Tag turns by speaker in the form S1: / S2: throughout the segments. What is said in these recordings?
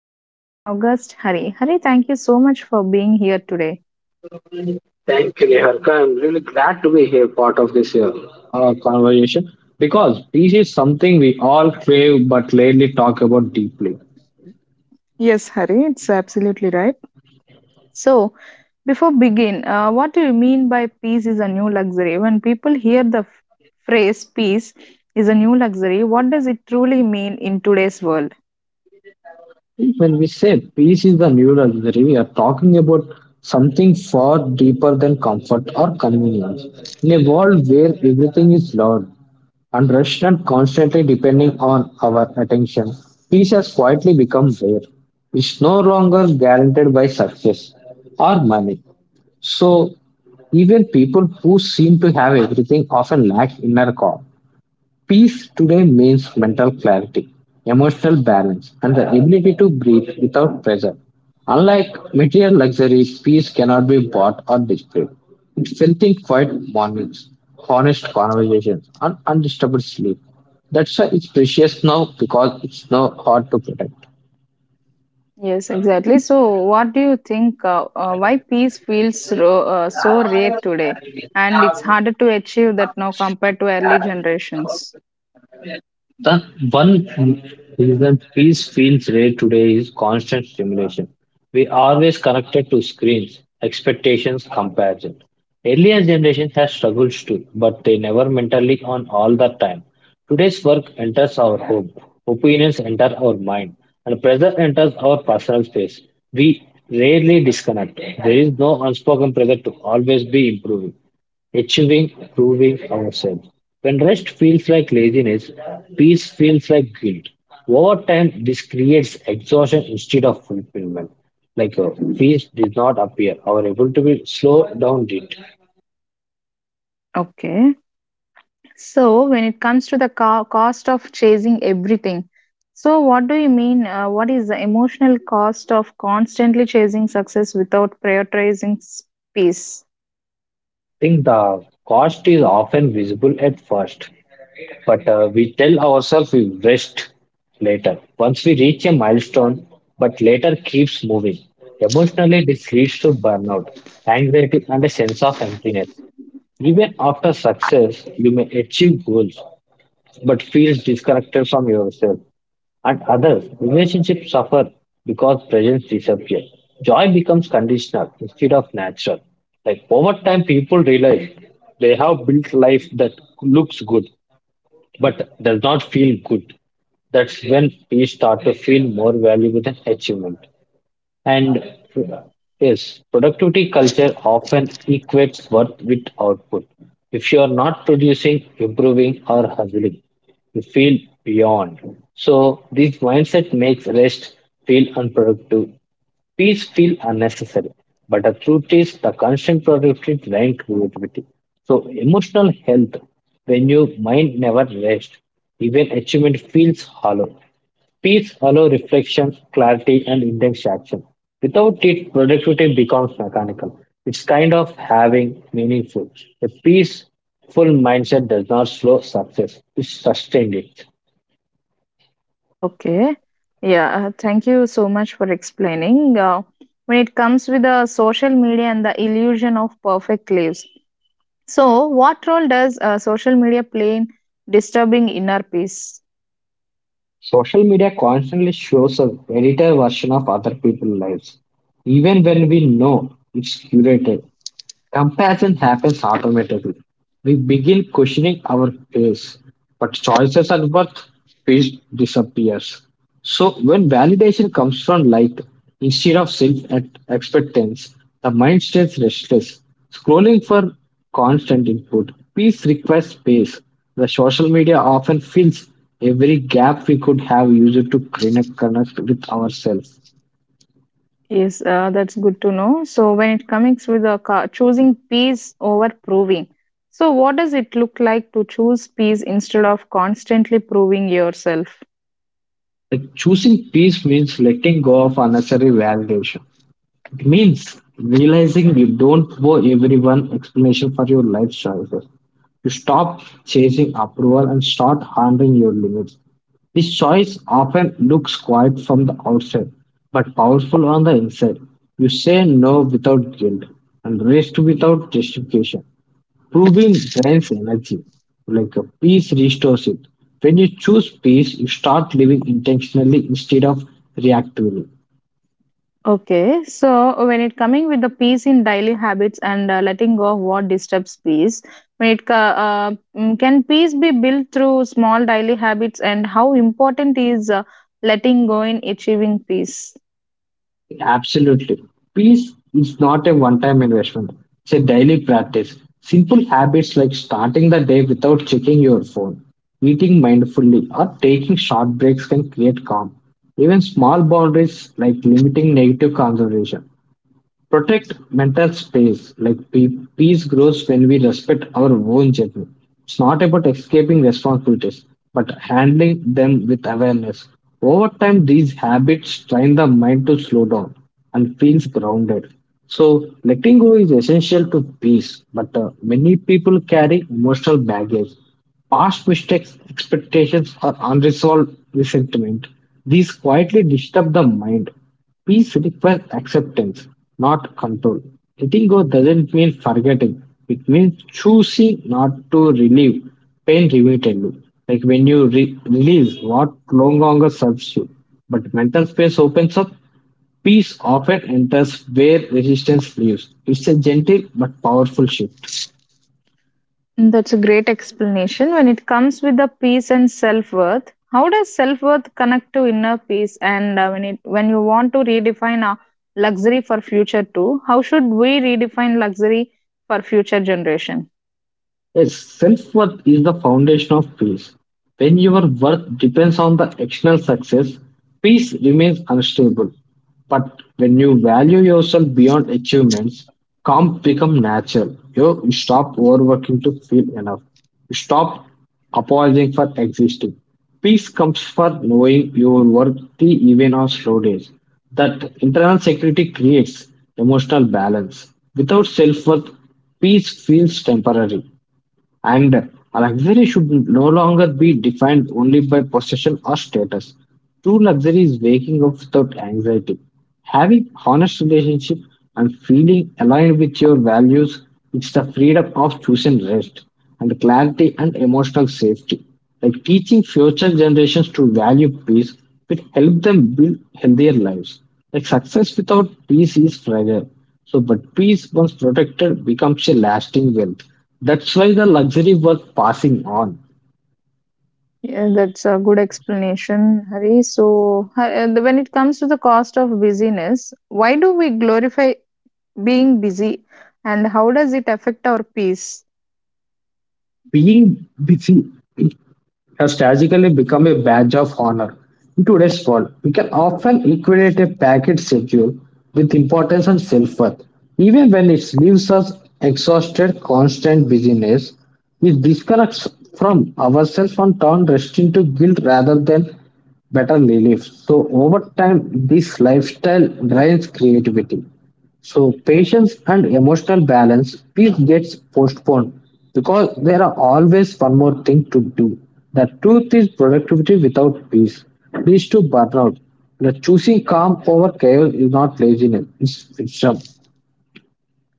S1: Please welcome August Hari. Hari, thank you so much for being here today.
S2: Thank you, Neharka. I'm really glad to be here, part of this conversation, because peace is something we all crave but rarely talk about deeply.
S1: Yes, Hari, it's absolutely right. So, before begin, what do you mean by peace is a new luxury? When people hear the phrase peace is a new luxury, what does it truly mean in today's world?
S2: When we say peace is the new luxury, we are talking about something far deeper than comfort or convenience. In a world where everything is loud, and rushed and constantly depending on our attention, peace has quietly become rare. It's no longer guaranteed by success or money. So, even people who seem to have everything often lack inner calm. Peace today means mental clarity, emotional balance, and the ability to breathe without pressure. Unlike material luxury, peace cannot be bought or displayed. It's felt in quiet mornings, honest conversations, and undisturbed sleep. That's why it's precious now because it's now hard to protect.
S1: Yes, exactly. So, what do you think? Why peace feels so rare today, and it's harder to achieve that now compared to early generations?
S2: The one reason peace feels rare today is constant stimulation. We always connected to screens, expectations, comparison. Earlier generations had struggled too, but they never mentally on all the time. Today's work enters our home, opinions enter our mind, and pressure enters our personal space. We rarely disconnect. There is no unspoken pressure to always be improving achieving, proving ourselves. When rest feels like laziness, peace feels like guilt. Over time, this creates exhaustion instead of fulfillment. Like uh, Peace did not appear, our able to be slow down did.
S1: Okay. So, when it comes to the cost of chasing everything, so what do you mean? What is the emotional cost of constantly chasing success without prioritizing peace?
S2: Think the cost is often visible at first, but we tell ourselves we rest later. Once we reach a milestone, but later keeps moving. Emotionally, this leads to burnout, anxiety, and a sense of emptiness. Even after success, you may achieve goals, but feel disconnected from yourself and others. Relationships suffer because presence disappears. Joy becomes conditional instead of natural. Like over time, people realize they have built life that looks good but does not feel good. That's when peace start to feel more valuable than achievement. And yes, productivity culture often equates worth with output. If you are not producing, improving, or hustling, you feel beyond. So, this mindset makes rest feel unproductive. Peace feel unnecessary, but the truth is the constant productivity drain creativity. So emotional health, when your mind never rests, even achievement feels hollow. Peace allows reflection, clarity, and intense action. Without it, productivity becomes mechanical. It's kind of having meaningful. A peaceful mindset does not slow success, it sustains it.
S1: Okay. Yeah. Thank you so much for explaining. When it comes with the social media and the illusion of perfect lives, so what role does social media play in disturbing inner peace?
S2: Social media constantly shows a edited version of other people's lives, even when we know it's curated. Comparison happens automatically. We begin questioning our pace, but choices and worth pace disappears. So when validation comes from light instead of self expectance, the mind stays restless, scrolling for constant input. Peace requires space. The social media often fills every gap we could have used to connect with ourselves.
S1: Is that's good to know. So when it comes with the choosing peace over proving, so what does it look like to choose peace instead of constantly proving yourself?
S2: Like choosing peace means letting go of unnecessary validation. It means realizing you don't owe everyone explanation for your life choices. You stop chasing approval and start honoring your limits. This choice often looks quiet from the outside, but powerful on the inside. You say no without guilt and rest without justification. Proving drains energy, like a peace restores it. When you choose peace, you start living intentionally instead of reactively.
S1: Okay, so when it coming with the peace in daily habits and letting go of what disturbs peace, when it can peace be built through small daily habits, and how important is letting go in achieving peace?
S2: Absolutely. Peace is not a one time investment, it's a daily practice. Simple habits like starting the day without checking your phone, eating mindfully, or taking short breaks can create calm. Even small boundaries like limiting negative conversation protect mental space. Peace grows when we respect our own journey. It's not about escaping responsibilities, but handling them with awareness. Over time, these habits train the mind to slow down and feels grounded. So, letting go is essential to peace, but many people carry emotional baggage. Past mistakes, expectations, or unresolved resentment. These quietly disturb the mind. Peace requires acceptance, not control. Letting go doesn't mean forgetting. It means choosing not to relieve pain repeatedly. Like when you release what no longer serves you. But mental space opens up, peace often enters where resistance lives. It's a gentle but powerful shift.
S1: That's a great explanation. When it comes with the peace and self worth, how does self worth connect to inner peace? And when it when you want to redefine luxury for future too, how should we redefine luxury for future generation?
S2: Yes, self worth is the foundation of peace. When your worth depends on the external success, peace remains unstable. But when you value yourself beyond achievements, calm becomes natural. You stop overworking to feel enough. You stop apologizing for existing. Peace comes for knowing your worth even on slow days. That internal security creates emotional balance. Without self worth, peace feels temporary. And luxury should no longer be defined only by possession or status. True luxury is waking up without anxiety, having honest relationship and feeling aligned with your values. It's the freedom of choosing rest and clarity and emotional safety. Like teaching future generations to value peace will help them build healthier lives. Like success without peace is fragile. So, but peace, once protected, becomes a lasting wealth. That's why the luxury was passing on.
S1: Yeah, that's a good explanation, Hari. So, when it comes to the cost of busyness, why do we glorify being busy and how does it affect our peace?
S2: Being busy has tragically become a badge of honor. In today's world, we can often equate a packed schedule with importance and self worth. Even when it leaves us exhausted, constant busyness, which disconnects from ourselves and turns rest into guilt rather than better relief. So, over time, this lifestyle drains creativity. So patience and emotional balance peace gets postponed because there are always one more thing to do. The truth is productivity without peace leads to burnout. The choosing calm over chaos is not laziness, it's wisdom.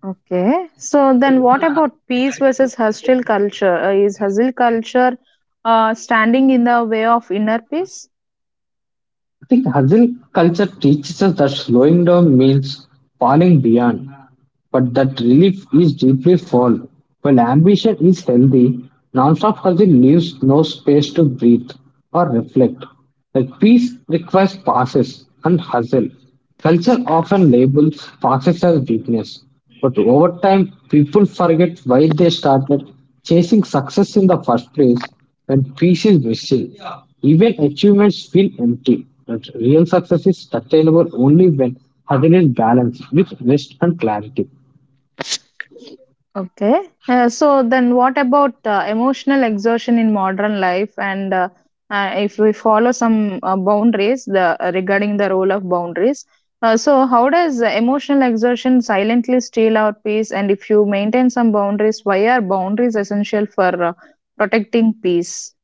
S1: Okay, so then what about peace versus hustle culture? Is hustle culture standing in the way of inner peace?
S2: I think hustle culture teaches us that slowing down means falling beyond, but that relief is deeply false. When ambition is healthy, non-stop hustle leaves no space to breathe or reflect. Like peace requires pauses and hustle. Culture often labels pauses as weakness, but over time, people forget why they started chasing success in the first place. When peace is missing, even achievements feel empty. But real success is sustainable only when hustle is balanced with rest and clarity.
S1: Okay. So then what about emotional exertion in modern life and if we follow some boundaries the regarding the role of boundaries so how does emotional exertion silently steal our peace and if you maintain some boundaries why are boundaries essential for protecting peace.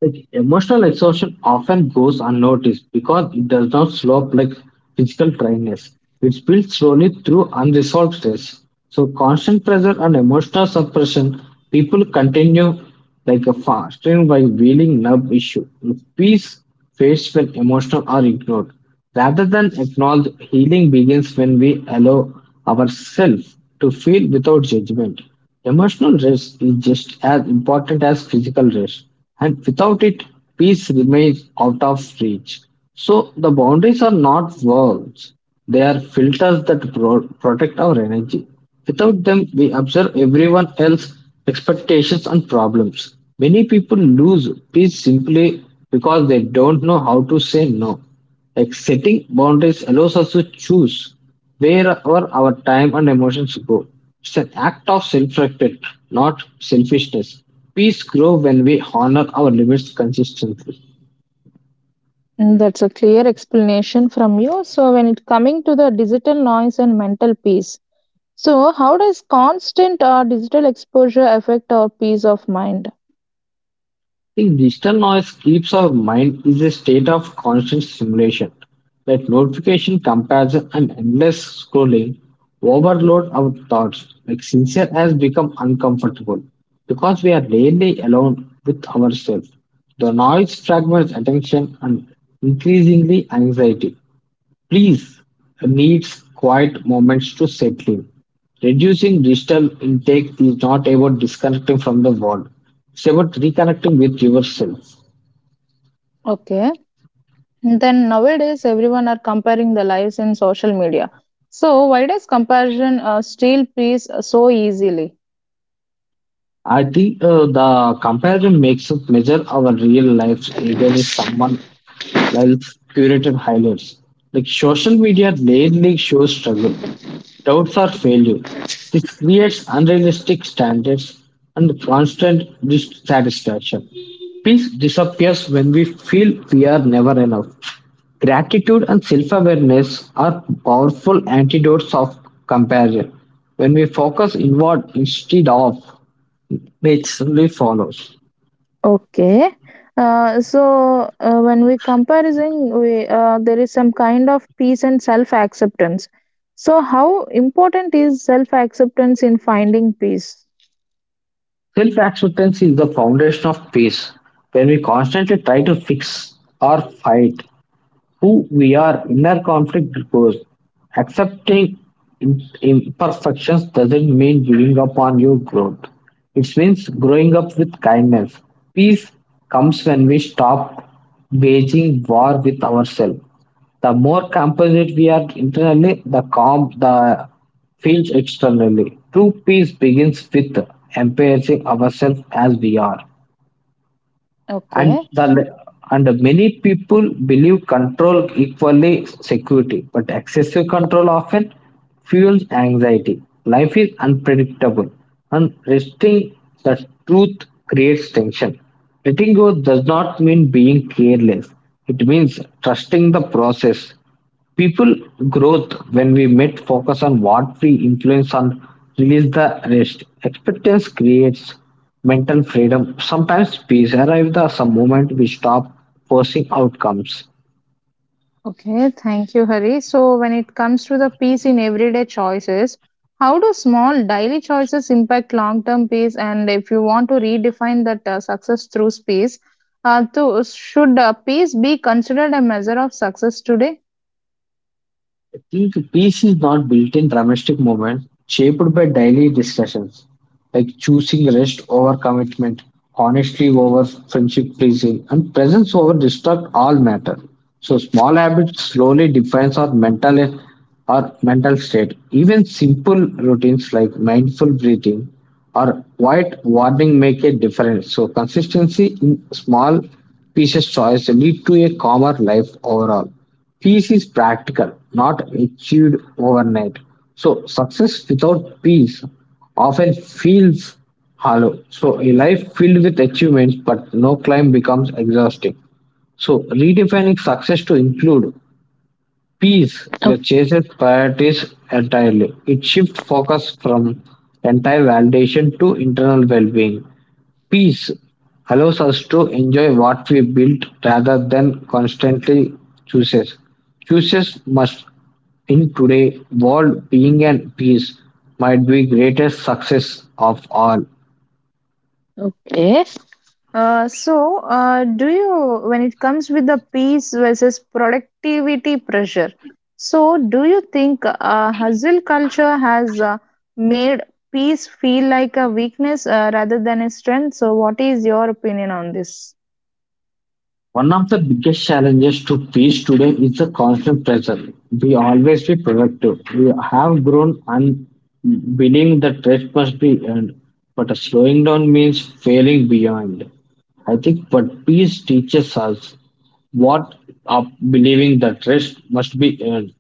S2: Like emotional exhaustion often goes unnoticed because it does not slow up like physical tiredness. It builds slowly through unresolved stress. So constant pressure and emotional suppression, people continue like a fasting by wheeling nerve issue. Peace fades when emotional are ignored. Rather than acknowledge, healing begins when we allow ourselves to feel without judgment. Emotional rest is just as important as physical rest, and without it, peace remains out of reach. So, the boundaries are not walls, they are filters that protect our energy. Without them, we observe everyone else's expectations and problems. Many people lose peace simply because they don't know how to say no. Like setting boundaries allows us to choose where our, time and emotions go. It's an act of self-respect, not selfishness. Peace grows when we honor our limits consistently.
S1: Mm, that's a clear explanation from you. So, when it coming to the digital noise and mental peace, so how does constant or digital exposure affect our peace of mind?
S2: Think digital noise keeps our mind is a state of constant stimulation. Like notification, comparison, and endless scrolling overload our thoughts. Like sincere has become uncomfortable because we are rarely alone with ourselves. The noise fragments attention and increasingly anxiety. Please needs quiet moments to settle. Reducing digital intake is not about disconnecting from the world. It's about reconnecting with yourself.
S1: Okay. Then nowadays, everyone are comparing their lives in social media. So why does comparison steal peace so easily?
S2: I think the comparison makes us measure our real lives against someone else's curated highlights. Like social media rarely shows struggle, doubts, or failure. This creates unrealistic standards and constant dissatisfaction. Peace disappears when we feel we are never enough. Gratitude and self awareness are powerful antidotes of comparison. When we focus inward instead of it simply follows.
S1: Okay. When we comparison, we there is some kind of peace and self acceptance. So how important is self acceptance in finding peace?
S2: Self acceptance is the foundation of peace. When we constantly try to fix or fight who we are, inner conflict grows. Accepting imperfections doesn't mean giving up on your growth. It means growing up with kindness. Peace comes when we stop waging war with ourselves. The more compassionate we are internally, the calm the feels externally. True peace begins with embracing ourselves as we are, and
S1: Okay.
S2: the, and many people believe control equally security but excessive control often fuels anxiety. Life is unpredictable and resting the truth creates tension. Letting go does not mean being careless, it means trusting the process. People growth when we met focus on what we influence on release the rest. Acceptance creates mental freedom. Sometimes peace arrives the some moment we stop forcing outcomes.
S1: Okay, thank you, Hari. So, when it comes to the peace in everyday choices, how do small daily choices impact long term peace? And if you want to redefine that success through space, should peace be considered a measure of success today?
S2: I think peace is not built in dramatic moments, shaped by daily discussions. Like choosing rest over commitment, honesty over friendship pleasing, and presence over distract all matter. So small habits slowly defines our mental state. Even simple routines like mindful breathing or quiet warning make a difference. So consistency in small pieces choice lead to a calmer life overall. Peace is practical, not achieved overnight. So success without peace often feels hollow. So, a life filled with achievements but no climb becomes exhausting. So, redefining success to include peace,
S1: O-
S2: your chases priorities entirely. It shifts focus from entire validation to internal well being. Peace allows us to enjoy what we build rather than constantly chooses. Chooses must in today world being and peace might be greatest success of all.
S1: Okay. Do you, when it comes with the peace versus productivity pressure, so do you think hustle culture has made peace feel like a weakness rather than a strength? So, what is your opinion on this?
S2: One of the biggest challenges to peace today is the constant pressure. We always be productive. We have grown and believing that rest must be earned, but a slowing down means failing beyond. I think but peace teaches us what of believing that rest must be earned.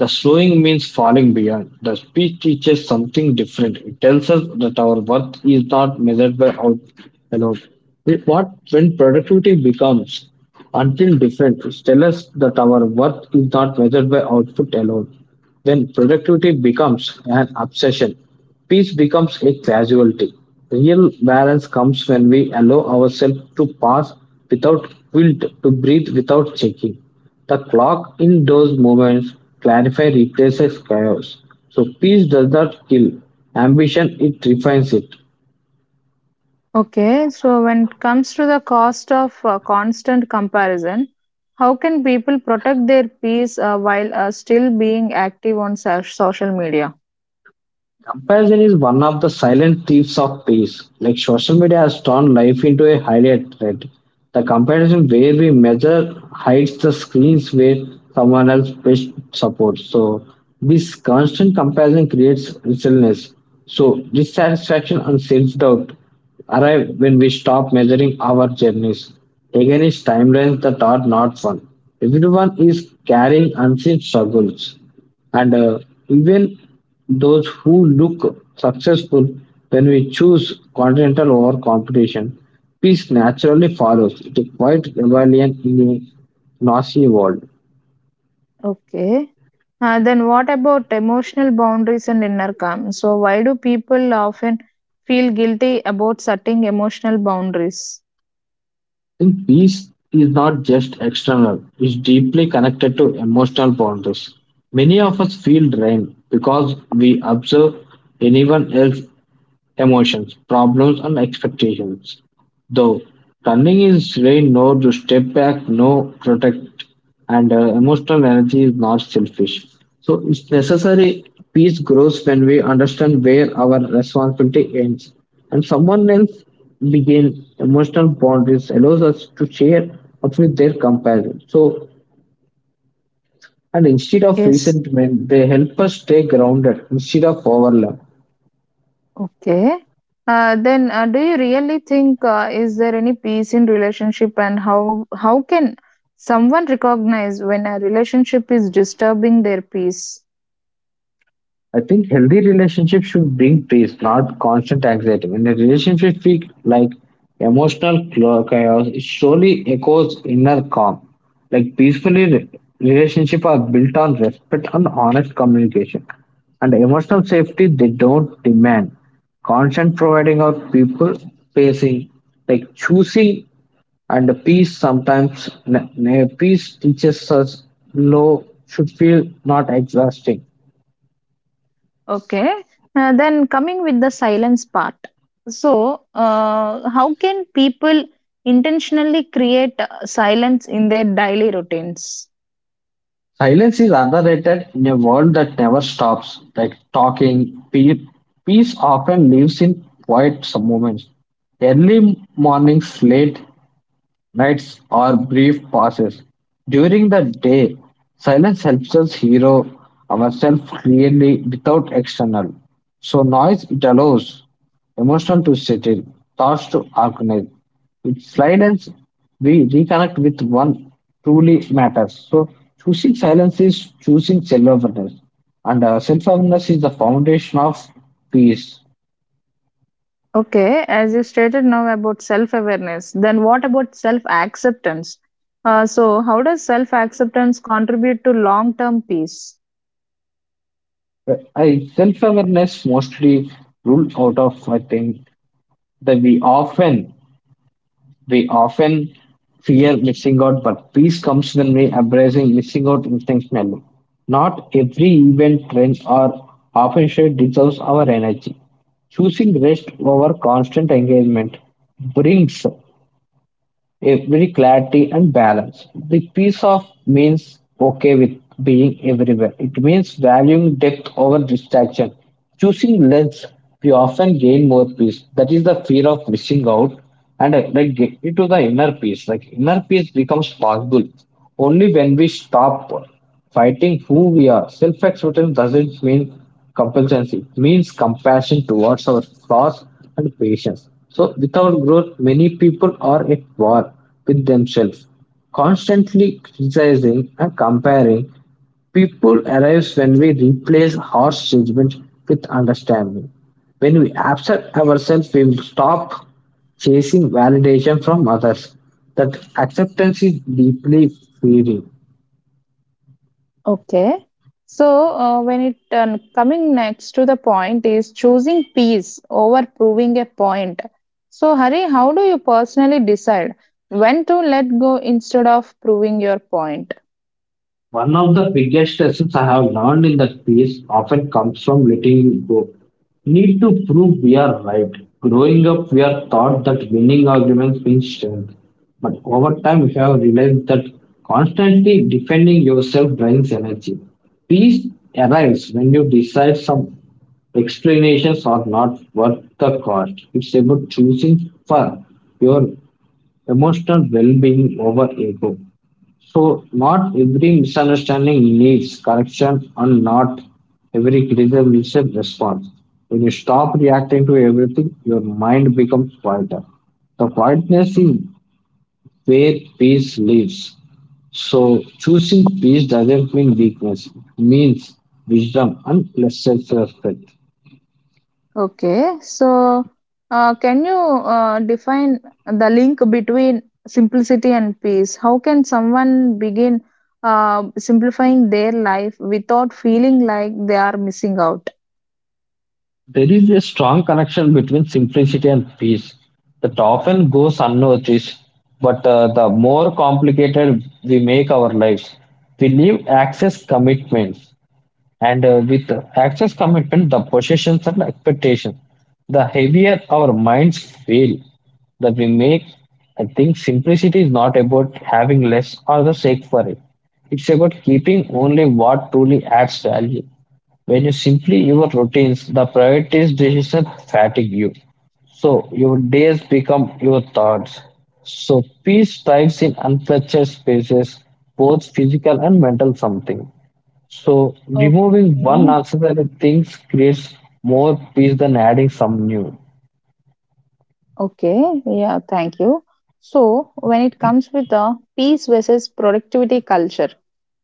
S2: The slowing means falling behind. The speech teaches something different. It tells us that our worth is not measured by out alone. It- What when productivity becomes until different, it tells us that our worth is not measured by output alone. When productivity becomes an obsession, peace becomes a casualty. Real balance comes when we allow ourselves to pass without guilt, to breathe without checking. The clock in those moments clarify replaces chaos. So peace does not kill ambition; it refines it.
S1: Okay, so when it comes to the cost of constant comparison, how can people protect their peace while still being active on social media?
S2: Comparison is one of the silent thieves of peace. Like social media has turned life into a highlight thread. The comparison where we measure hides the screens where someone else best supports. So this constant comparison creates restlessness. So dissatisfaction and self-doubt arrive when we stop measuring our journeys against timelines that are not fun. Everyone is carrying unseen struggles. And even those who look successful when we choose continental over competition, peace naturally follows. It's a quiet rebellion in a noisy world.
S1: Okay. Then what about emotional boundaries and inner calm? So why do people often feel guilty about setting emotional boundaries?
S2: I think peace is not just external, it's deeply connected to emotional boundaries. Many of us feel drained because we observe anyone else emotions, problems and expectations. Though running is trained no to step back, no protect, and emotional energy is not selfish. So it's necessary. Peace grows when we understand where our responsibility ends, and someone else begin emotional boundaries allows us to share up with their compassion. So, and instead of
S1: Yes.
S2: resentment, they help us stay grounded instead of overwhelmed.
S1: Okay. Then do you really think is there any peace in relationship and how can someone recognize when a relationship is disturbing their peace?
S2: I think healthy relationships should bring peace, not constant anxiety. When a relationship feels like chaos, it surely echoes inner calm. Like relationships are built on respect and honest communication. And emotional safety they don't demand. Constant providing of people pacing, like choosing and the peace peace teaches us low should feel not exhausting.
S1: Okay. Then coming with the silence part. So, how can people intentionally create silence in their daily routines?
S2: Silence is underrated in a world that never stops. Like talking, peace often lives in quiet moments. Early mornings, late nights are brief pauses. During the day, silence helps us hear ourselves clearly without external. So noise it allows emotion to settle, thoughts to organize. With silence, we reconnect with one truly matters. So choosing silence is choosing self-awareness, and self-awareness is the foundation of peace.
S1: Okay, as you stated now about self awareness, then what about self acceptance? So, how does self acceptance contribute to long term peace?
S2: I self-awareness mostly ruled out of I think that we often fear missing out, but peace comes when we embracing missing out intentionally. Not every event, trend, or opportunity deserves our energy. Choosing rest over constant engagement brings every clarity and balance. The peace of means okay with being everywhere. It means valuing depth over distraction. Choosing length, we often gain more peace. That is the fear of missing out and like get into the inner peace. Like inner peace becomes possible only when we stop fighting who we are. Self acceptance doesn't mean complacency, it means compassion towards our flaws and patience. So, without growth, many people are at war with themselves, constantly criticizing and comparing. People arrives when we replace harsh judgment with understanding. When we accept ourselves, we will stop chasing validation from others. That acceptance is deeply freeing.
S1: Okay. So, when it coming next to the point is choosing peace over proving a point. So, Hari, how do you personally decide when to let go instead of proving your point?
S2: One of the biggest lessons I have learned in that piece often comes from letting go. Need to prove we are right. Growing up, we are taught that winning arguments means strength. But over time, we have realized that constantly defending yourself drains energy. Peace arrives when you decide some explanations are not worth the cost. It's about choosing for your emotional well being over ego. So, not every misunderstanding needs correction, and not every criticism needs a response. When you stop reacting to everything, your mind becomes quieter. The quietness is where peace lives. So, choosing peace doesn't mean weakness, it means wisdom and less self respect.
S1: Okay. So, can you define the link between simplicity and peace? How can someone begin simplifying their life without feeling like they are missing out?
S2: There is a strong connection between simplicity and peace that often goes unnoticed. But the more complicated we make our lives, we leave access commitments. And with access commitment, the possessions and expectations, the heavier our minds feel that we make, I think simplicity is not about having less or the sake for it. It's about keeping only what truly adds value. When you simply your routines, the priorities decision fatigue you. So your days become your thoughts. So peace thrives in unstructured spaces, both physical and mental something. So removing one
S1: Okay.
S2: uncertain things creates more peace than adding some new.
S1: Okay, yeah, thank you. So, when it comes with the peace versus productivity culture,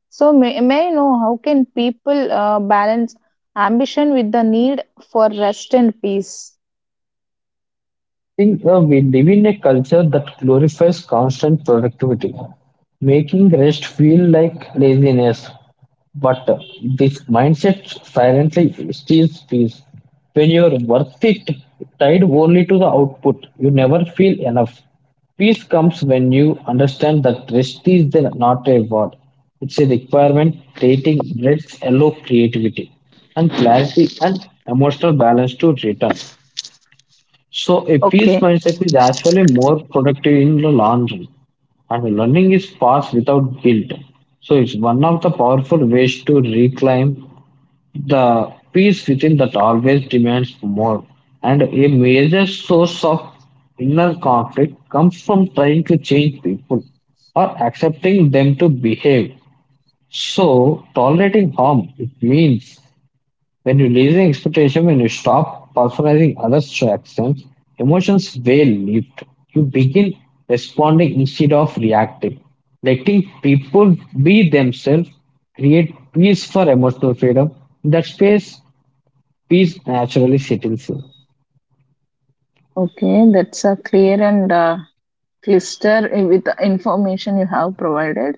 S1: so may I know how can people balance ambition with the need for rest and peace?
S2: Think we live in a culture that glorifies constant productivity, making rest feel like laziness. But this mindset silently steals peace. When you're worth it, tied only to the output, you never feel enough. Peace comes when you understand that not a reward. It's a requirement dating let's allow creativity and clarity and emotional balance to return. So a peace
S1: Okay,
S2: mindset is actually more productive in the long run, and learning is fast without guilt. So it's one of the powerful ways to reclaim the peace within that always demands more. And a major source of inner conflict comes from trying to change people or accepting them to behave. So tolerating harm it means when releasing expectation, when you stop personalizing others' reactions, emotions will lift. You begin responding instead of reacting. Letting people be themselves create peace for emotional freedom. In that space, peace naturally settles in.
S1: okay, that's a clear and clear with the information you have provided.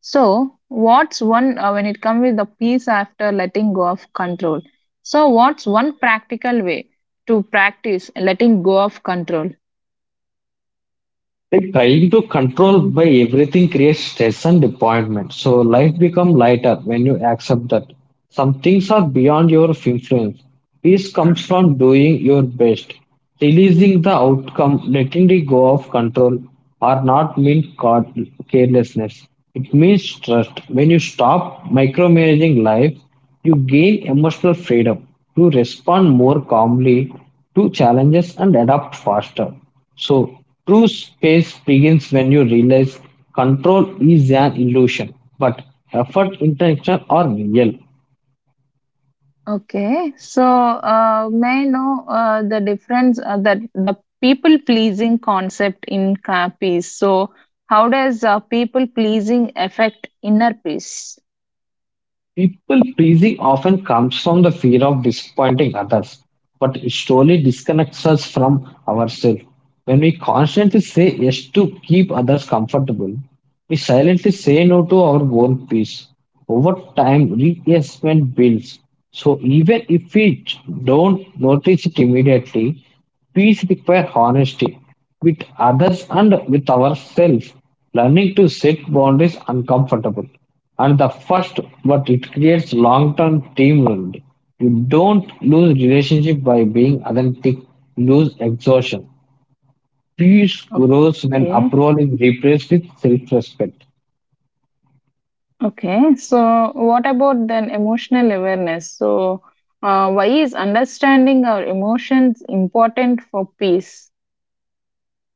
S1: So, what's one when it comes with the peace after letting go of control? So, what's one practical way to practice letting go of control?
S2: Like trying to control by everything creates stress and disappointment. So life becomes lighter when you accept that some things are beyond your influence. Peace comes from doing your best, releasing the outcome, letting it go of control, or not mean carelessness. It means trust. When you stop micromanaging life, you gain emotional freedom. You respond more calmly to challenges and adapt faster. So, true space begins when you realize control is an illusion, but effort, intention are real.
S1: Okay, so may I know the difference that the people pleasing concept in peace. So, how does people pleasing affect inner peace?
S2: People pleasing often comes from the fear of disappointing others, but it slowly disconnects us from ourselves. When we constantly say yes to keep others comfortable, we silently say no to our own peace. Over time, reassessment builds. So even if we don't notice it immediately, peace requires honesty with others and with ourselves. Learning to set boundaries uncomfortable. And the first, but it creates long-term teamwork. You don't lose relationship by being authentic, you lose exhaustion. Peace grows when
S1: Okay,
S2: approval is replaced with self-respect.
S1: okay. So, what about then emotional awareness? So, why is understanding our emotions important for peace?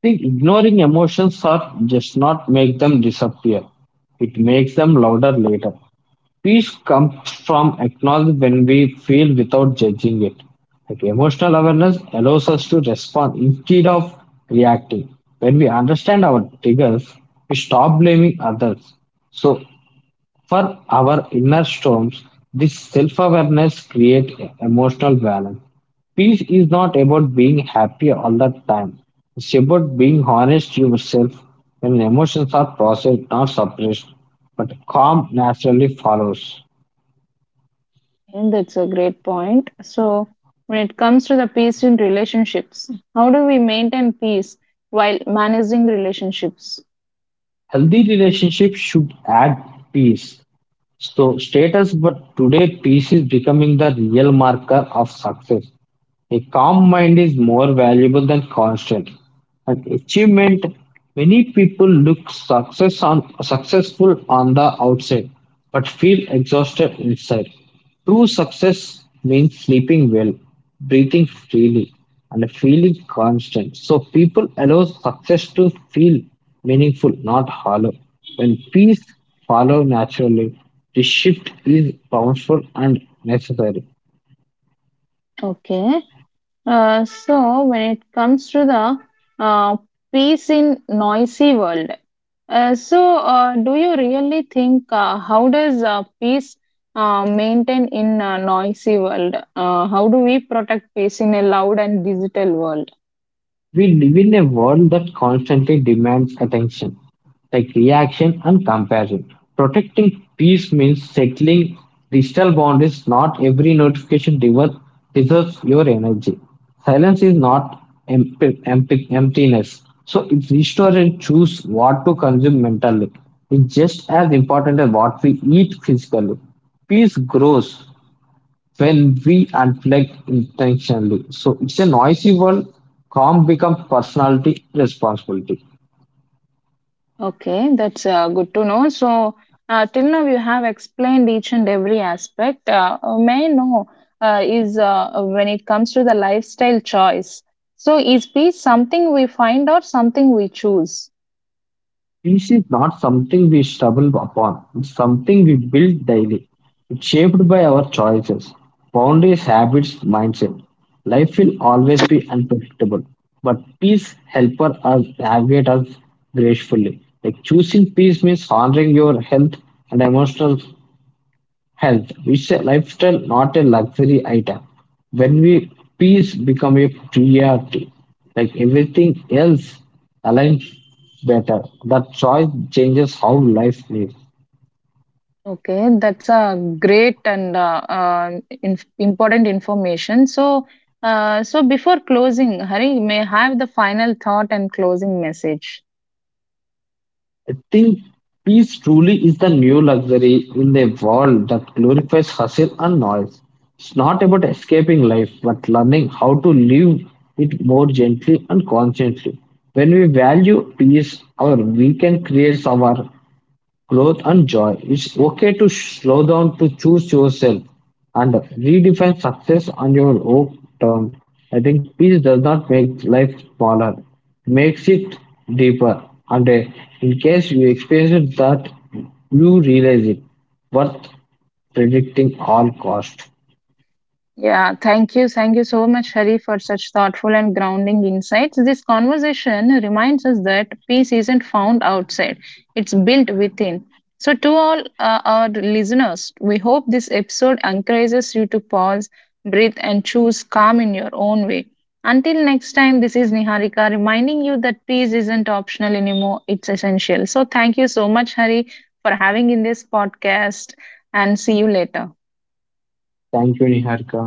S2: Think ignoring emotions or just not make them disappear. It makes them louder later. Peace comes from acknowledging when we feel without judging it. Like emotional awareness allows us to respond instead of reacting. When we understand our triggers, we stop blaming others. So, for our inner storms, this self awareness creates emotional balance. Peace is not about being happy all the time. It's about being honest to yourself when emotions are processed, not suppressed, but calm naturally follows.
S1: And that's a great point. So, when it comes to the peace in relationships, how do we maintain peace while managing relationships?
S2: Healthy relationship should add peace. So status, but today peace is becoming the real marker of success. A calm mind is more valuable than constant. At achievement, many people successful on the outside but feel exhausted inside. True success means sleeping well, breathing freely, and feeling constant. So people allow success to feel meaningful, not hollow. When peace follows naturally, the shift is powerful and necessary.
S1: Okay. So, when it comes to the peace in noisy world, do you really think how does peace maintain in a noisy world? How do we protect peace in a loud and digital world?
S2: We live in a world that constantly demands attention, like reaction and comparison. Protecting peace means settling digital boundaries. Not every notification deserves, deserves your energy. Silence is not emptiness. So it's restore and choose what to consume mentally. It's just as important as what we eat physically. Peace grows when we unplugged intentionally. So it's a noisy world. Calm becomes personality responsibility.
S1: Okay, that's good to know. So, till now you have explained each and every aspect. May I know is when it comes to the lifestyle choice. So, is peace something we find or something we choose?
S2: Peace is not something we stumble upon. It's something we build daily. It's shaped by our choices, boundaries, habits, mindset. Life will always be unpredictable, but peace helps us navigate us gracefully. Like choosing peace means honoring your health and emotional health, which is a lifestyle, not a luxury item. When we peace become a priority, like everything else aligns better. That choice changes how life lives.
S1: Okay, that's a great and important information. So, so before closing, Hari may I have the final thought and closing message.
S2: I think peace truly is the new luxury in the world that glorifies hustle and noise. It's not about escaping life, but learning how to live it more gently and consciously. When we value peace, our we can create our growth, and joy. It's okay to slow down to choose yourself and redefine success on your own terms. I think peace does not make life smaller, it makes it deeper. And in case you experience that, you realize it worth predicting all cost.
S1: Yeah, thank you. Thank you so much, Hari, for such thoughtful and grounding insights. This conversation reminds us that peace isn't found outside, it's built within. So, to all our listeners, we hope this episode encourages you to pause, breathe, and choose calm in your own way. Until next time, this is Niharika reminding you that peace isn't optional anymore, it's essential. So, thank you so much, Hari, for having in this podcast, and see you later.
S2: Thank you, Niharika.